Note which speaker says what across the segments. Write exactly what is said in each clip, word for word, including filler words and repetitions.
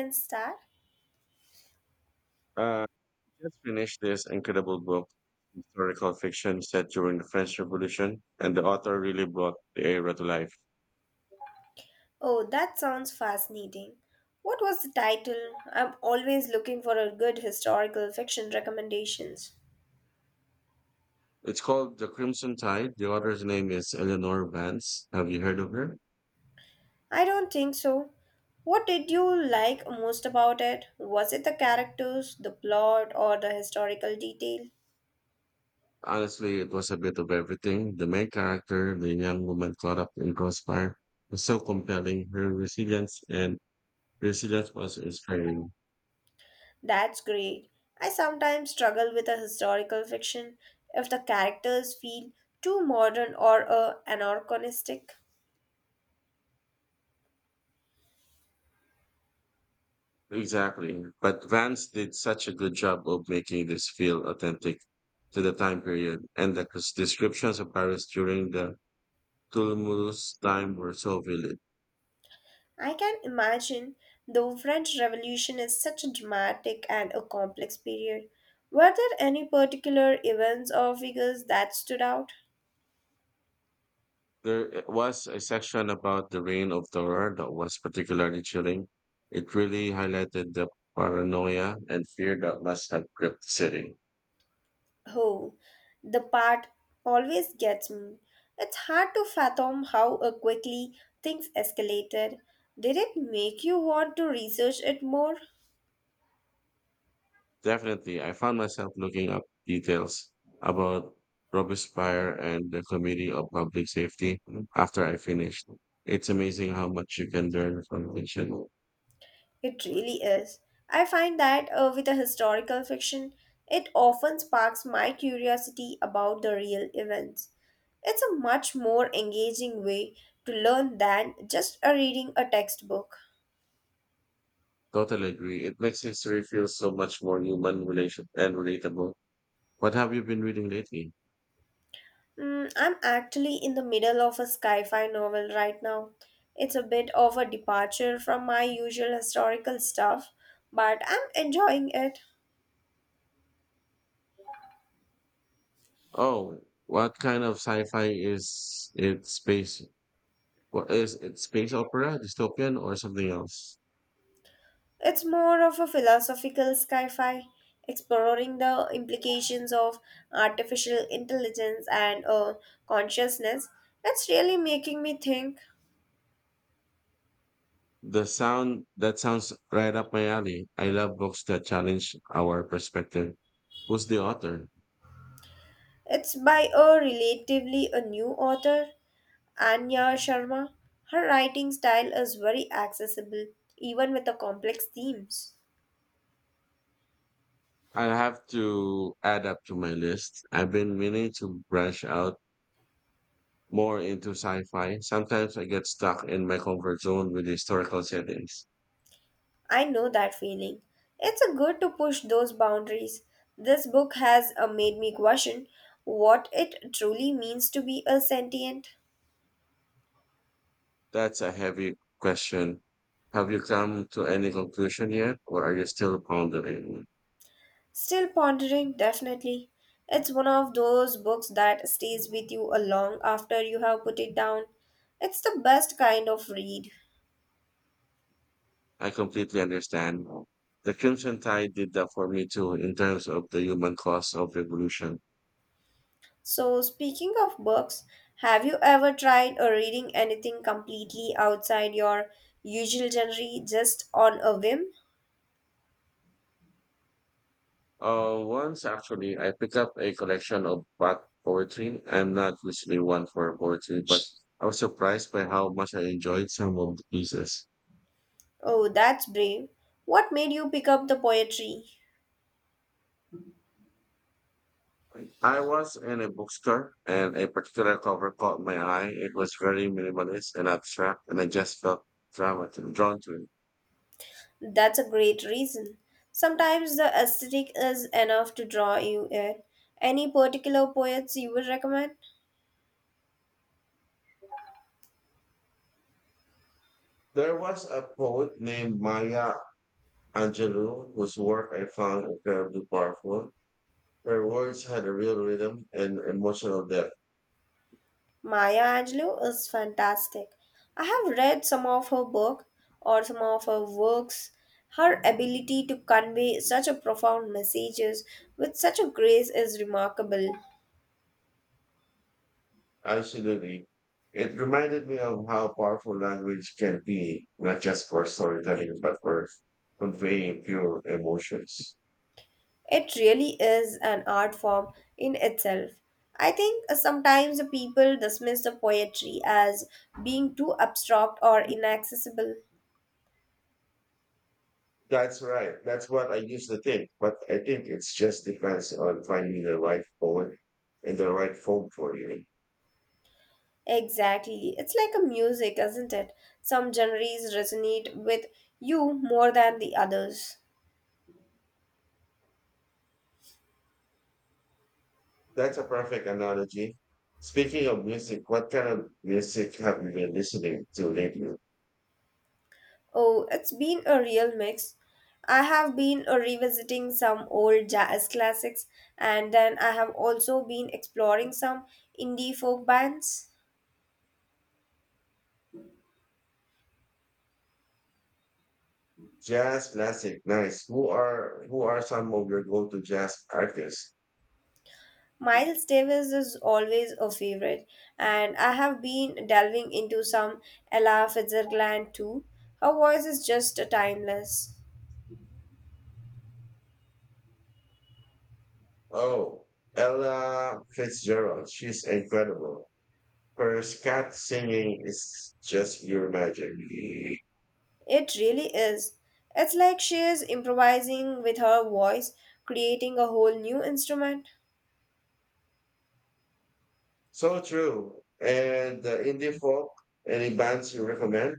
Speaker 1: And Star?
Speaker 2: Uh, I just finished this incredible book, historical fiction set during the French Revolution, and the author really brought the era to life.
Speaker 1: Oh, that sounds fascinating. What was the title? I'm always looking for a good historical fiction recommendations.
Speaker 2: It's called The Crimson Tide. The author's name is Eleanor Vance. Have you heard of her?
Speaker 1: I don't think so. What did you like most about it? Was it the characters, the plot, or the historical detail?
Speaker 2: Honestly, it was a bit of everything. The main character, the young woman caught up in crossfire, was so compelling. Her resilience and resilience was inspiring.
Speaker 1: That's great. I sometimes struggle with a historical fiction if the characters feel too modern or uh, anachronistic.
Speaker 2: Exactly. But Vance did such a good job of making this feel authentic to the time period, and the cres- descriptions of Paris during the tumultuous time were so vivid.
Speaker 1: I can imagine the French Revolution is such a dramatic and a complex period. Were there any particular events or figures that stood out?
Speaker 2: There eh, was a section about the reign of terror that was particularly chilling. It really highlighted the paranoia and fear that must have gripped the city.
Speaker 1: Oh, the part always gets me. It's hard to fathom how uh, quickly things escalated. Did it make you want to research it more?
Speaker 2: Definitely, I found myself looking up details about Robespierre and the Committee of Public Safety after I finished. It's amazing how much you can learn from fiction.
Speaker 1: It really is. I find that uh, with a historical fiction, it often sparks my curiosity about the real events. It's a much more engaging way to learn than just uh, reading a textbook.
Speaker 2: Totally agree. It makes history feel so much more human relation and relatable. What have you been reading lately?
Speaker 1: Mm, I'm actually in the middle of a sci fi novel right now. It's a bit of a departure from my usual historical stuff, but I'm enjoying it.
Speaker 2: Oh, what kind of sci-fi is it? Space? What is it? Space opera, dystopian, or something else?
Speaker 1: It's more of a philosophical sci fi, exploring the implications of artificial intelligence and uh, consciousness. It's really making me think.
Speaker 2: The sound that sounds right up my alley. I love books that challenge our perspective. Who's the author?
Speaker 1: It's by a relatively a new author, Anya Sharma. Her writing style is very accessible, even with the complex themes.
Speaker 2: I'll have to add up to my list. I've been meaning to branch out more into sci-fi. Sometimes I get stuck in my comfort zone with historical settings.
Speaker 1: I know that feeling. It's a good to push those boundaries. This book has uh, made me question what it truly means to be a sentient.
Speaker 2: That's a heavy question. Have you come to any conclusion yet, or are you still pondering?
Speaker 1: Still pondering, definitely. It's one of those books that stays with you a long after you have put it down. It's the best kind of read.
Speaker 2: I completely understand. The Crimson Tide did that for me too, in terms of the human cost of revolution.
Speaker 1: So, speaking of books, have you ever tried or reading anything completely outside your usual genre just on a whim?
Speaker 2: Uh, once actually, I picked up a collection of back poetry. I'm not usually one for poetry, but I was surprised by how much I enjoyed some of the pieces.
Speaker 1: Oh, that's brave. What made you pick up the poetry?
Speaker 2: I was in a bookstore and a particular cover caught my eye. It was very minimalist and abstract, and I just felt drawn to drawn to it.
Speaker 1: That's a great reason. Sometimes the aesthetic is enough to draw you in. Any particular poets you would recommend?
Speaker 2: There was a poet named Maya Angelou whose work I found incredibly powerful. Her words had a real rhythm and emotional depth.
Speaker 1: Maya Angelou is fantastic. I have read some of her book or some of her works. Her ability to convey such a profound messages with such a grace is remarkable.
Speaker 2: Absolutely. It reminded me of how powerful language can be, not just for storytelling, but for conveying pure emotions.
Speaker 1: It really is an art form in itself. I think sometimes the people dismiss the poetry as being too abstract or inaccessible.
Speaker 2: That's right. That's what I used to think, but I think it's just depends on finding the right poet and the right form for you.
Speaker 1: Exactly. It's like a music, isn't it? Some genres resonate with you more than the others.
Speaker 2: That's a perfect analogy. Speaking of music, what kind of music have you been listening to lately?
Speaker 1: Oh, it's been a real mix. I have been uh, revisiting some old jazz classics, and then I have also been exploring some indie folk bands.
Speaker 2: Jazz, classic, nice. Who are who are some of your go-to jazz artists?
Speaker 1: Miles Davis is always a favorite, and I have been delving into some Ella Fitzgerald too. Her voice is just timeless.
Speaker 2: Oh, Ella Fitzgerald. She's incredible. Her scat singing is just pure magic.
Speaker 1: It really is. It's like she is improvising with her voice, creating a whole new instrument.
Speaker 2: So true. And the indie folk, any bands you recommend?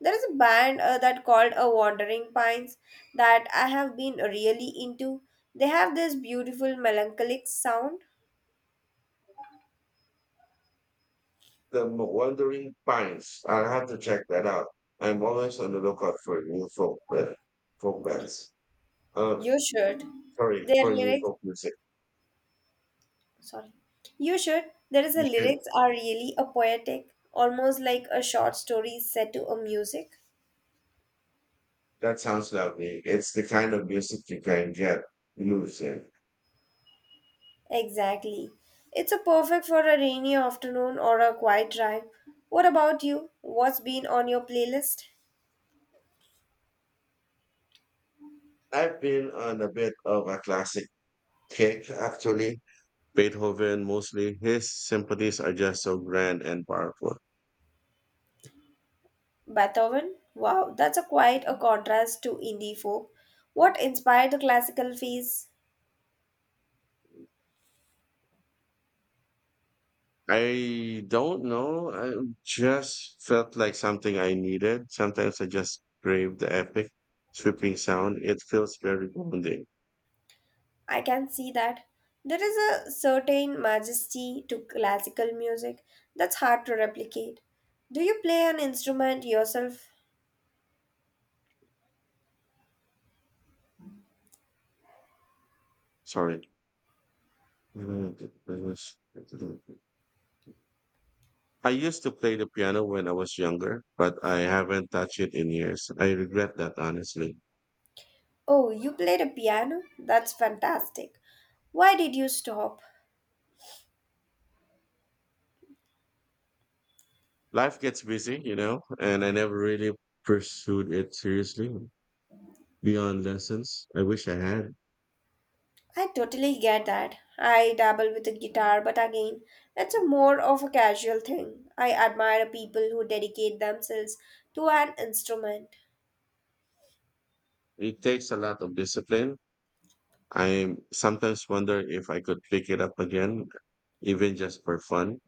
Speaker 1: There is a band uh, that called a Wandering Pines that I have been really into. They have this beautiful melancholic sound.
Speaker 2: The M- Wandering Pines. I'll have to check that out. I'm always on the lookout for new folk, uh, folk bands. Uh,
Speaker 1: You should.
Speaker 2: Sorry,
Speaker 1: Their
Speaker 2: for new
Speaker 1: lyrics,
Speaker 2: folk music.
Speaker 1: sorry. You should. There is a
Speaker 2: You should,
Speaker 1: lyrics are really a poetic, almost like a short story set to a music.
Speaker 2: that sounds lovely. It's the kind of music you can get blues in.
Speaker 1: Exactly. It's a perfect for a rainy afternoon or a quiet drive. What about you? What's been on your playlist?
Speaker 2: I've been on a bit of a classic Cake, actually. Beethoven, mostly. His symphonies are just so grand and powerful.
Speaker 1: Beethoven? Wow, that's a quite a contrast to indie folk. What inspired the classical phase?
Speaker 2: I don't know. I just felt like something I needed. Sometimes I just crave the epic, sweeping sound. It feels very grounding.
Speaker 1: I can see that. There is a certain majesty to classical music that's hard to replicate. Do you play an instrument yourself?
Speaker 2: Sorry. I used to play the piano when I was younger, but I haven't touched it in years. I regret that honestly.
Speaker 1: Oh, you played a piano? That's fantastic. Why did you stop?
Speaker 2: Life gets busy, you know, and I never really pursued it seriously beyond lessons. I wish I had.
Speaker 1: I totally get that. I dabble with the guitar, but again, it's a more of a casual thing. I admire people who dedicate themselves to an instrument.
Speaker 2: It takes a lot of discipline I sometimes wonder if I could pick it up again, even just for fun.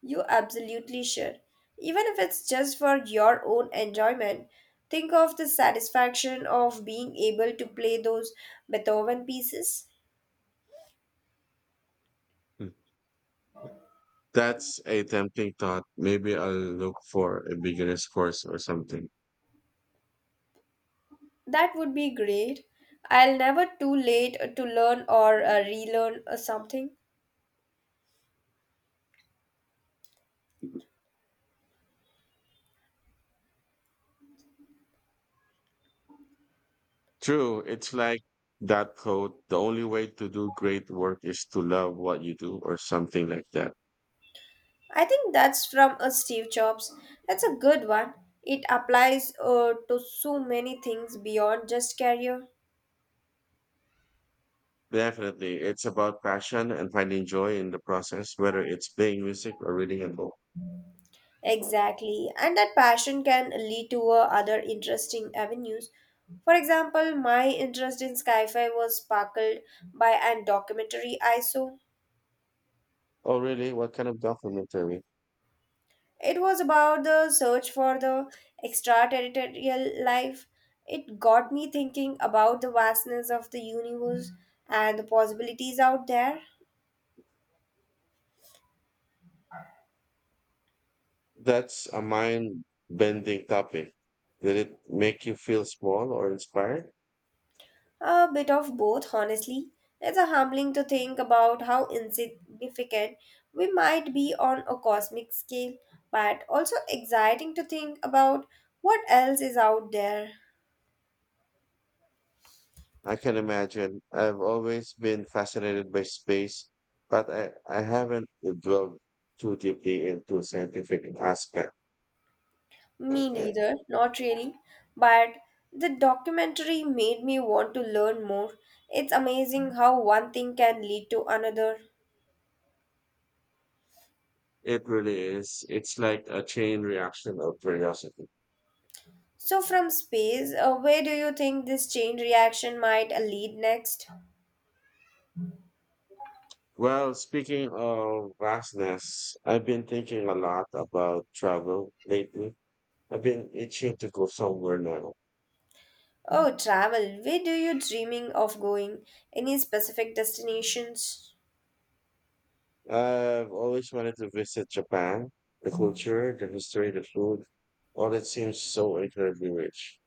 Speaker 1: You absolutely should. Even if it's just for your own enjoyment, think of the satisfaction of being able to play those Beethoven pieces.
Speaker 2: Mm. That's a tempting thought. Maybe I'll look for a beginner's course or something.
Speaker 1: That would be great. I'll never too late to learn or uh, relearn uh, something.
Speaker 2: True, it's like that quote, the only way to do great work is to love what you do or something like that.
Speaker 1: I think that's from a Steve Jobs. That's a good one. It applies uh, to so many things beyond just career.
Speaker 2: Definitely. It's about passion and finding joy in the process, whether it's playing music or reading a book.
Speaker 1: Exactly. And that passion can lead to uh, other interesting avenues. For example, my interest in sci-fi was sparkled by a documentary I saw.
Speaker 2: Oh, really? What kind of documentary?
Speaker 1: It was about the search for the extraterrestrial life. It got me thinking about the vastness of the universe and the possibilities out there.
Speaker 2: That's a mind-bending topic. Did it make you feel small or inspired?
Speaker 1: A bit of both, honestly. It's a humbling to think about how insignificant we might be on a cosmic scale, but also exciting to think about what else is out there.
Speaker 2: I can imagine. I've always been fascinated by space, but I, I haven't delved too deeply into scientific aspect.
Speaker 1: Me neither, not really. But the documentary made me want to learn more. It's amazing how one thing can lead to another.
Speaker 2: It really is. It's like a chain reaction of curiosity.
Speaker 1: So, from space, uh, where do you think this chain reaction might uh, lead next?
Speaker 2: Well, speaking of vastness, I've been thinking a lot about travel lately. I've been itching to go somewhere now.
Speaker 1: Oh, travel. Where do you dreaming of going? Any specific destinations?
Speaker 2: I've always wanted to visit Japan. The culture, the history, the food, all that seems so incredibly rich.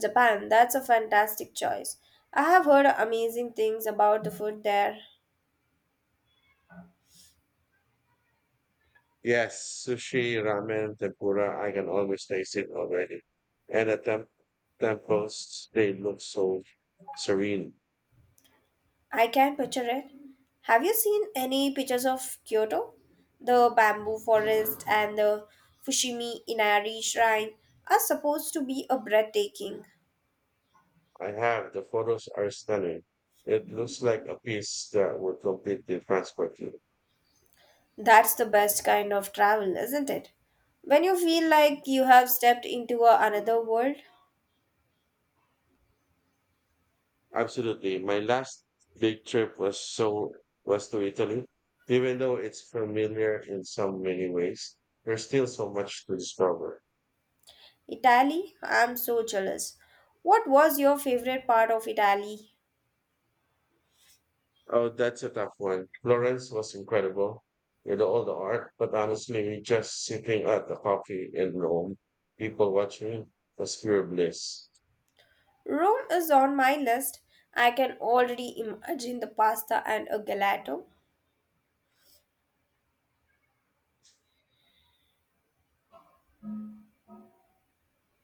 Speaker 1: Japan. That's a fantastic choice. I have heard amazing things about the food there.
Speaker 2: Yes, sushi, ramen, tempura, I can always taste it already. And the temp- temples, they look so serene.
Speaker 1: I can picture it. Have you seen any pictures of Kyoto? The bamboo forest and the Fushimi Inari shrine are supposed to be a breathtaking.
Speaker 2: I have, the photos are stunning. It looks like a piece that would complete the transport.
Speaker 1: That's the best kind of travel, isn't it? When you feel like you have stepped into a another world.
Speaker 2: Absolutely. My last big trip was so was to Italy. Even though it's familiar in so many ways, there's still so much to discover.
Speaker 1: Italy? I'm so jealous. What was your favorite part of Italy?
Speaker 2: Oh, that's a tough one. Florence was incredible with all the art, but honestly, just sitting at the coffee in Rome, people watching was pure bliss.
Speaker 1: Rome is on my list. I can already imagine the pasta and a gelato.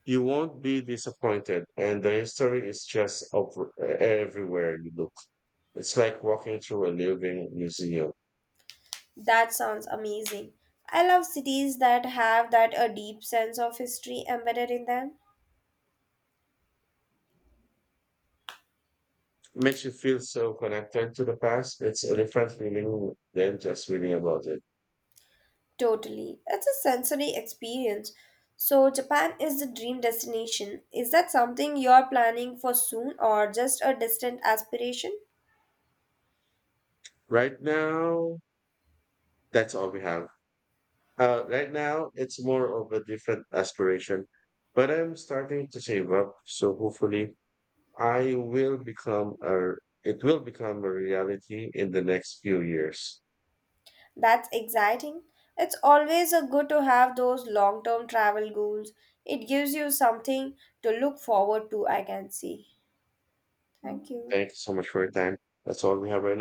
Speaker 2: You won't be disappointed, and the history is just over everywhere you look. It's like walking through a living museum.
Speaker 1: That sounds amazing. I love cities that have that a deep sense of history embedded in them.
Speaker 2: Makes you feel so connected to the past. It's a different feeling than just reading about it.
Speaker 1: Totally. It's a sensory experience. So Japan is the dream destination. Is that something you're planning for soon or just a distant aspiration?
Speaker 2: Right now, that's all we have. Uh, right now, it's more of a different aspiration, but I'm starting to save up. So hopefully, I will become a. It will become a reality in the next few years.
Speaker 1: That's exciting. It's always a good to have those long term travel goals. It gives you something to look forward to, I can see. Thank you.
Speaker 2: Thank you so much for your time. That's all we have right now.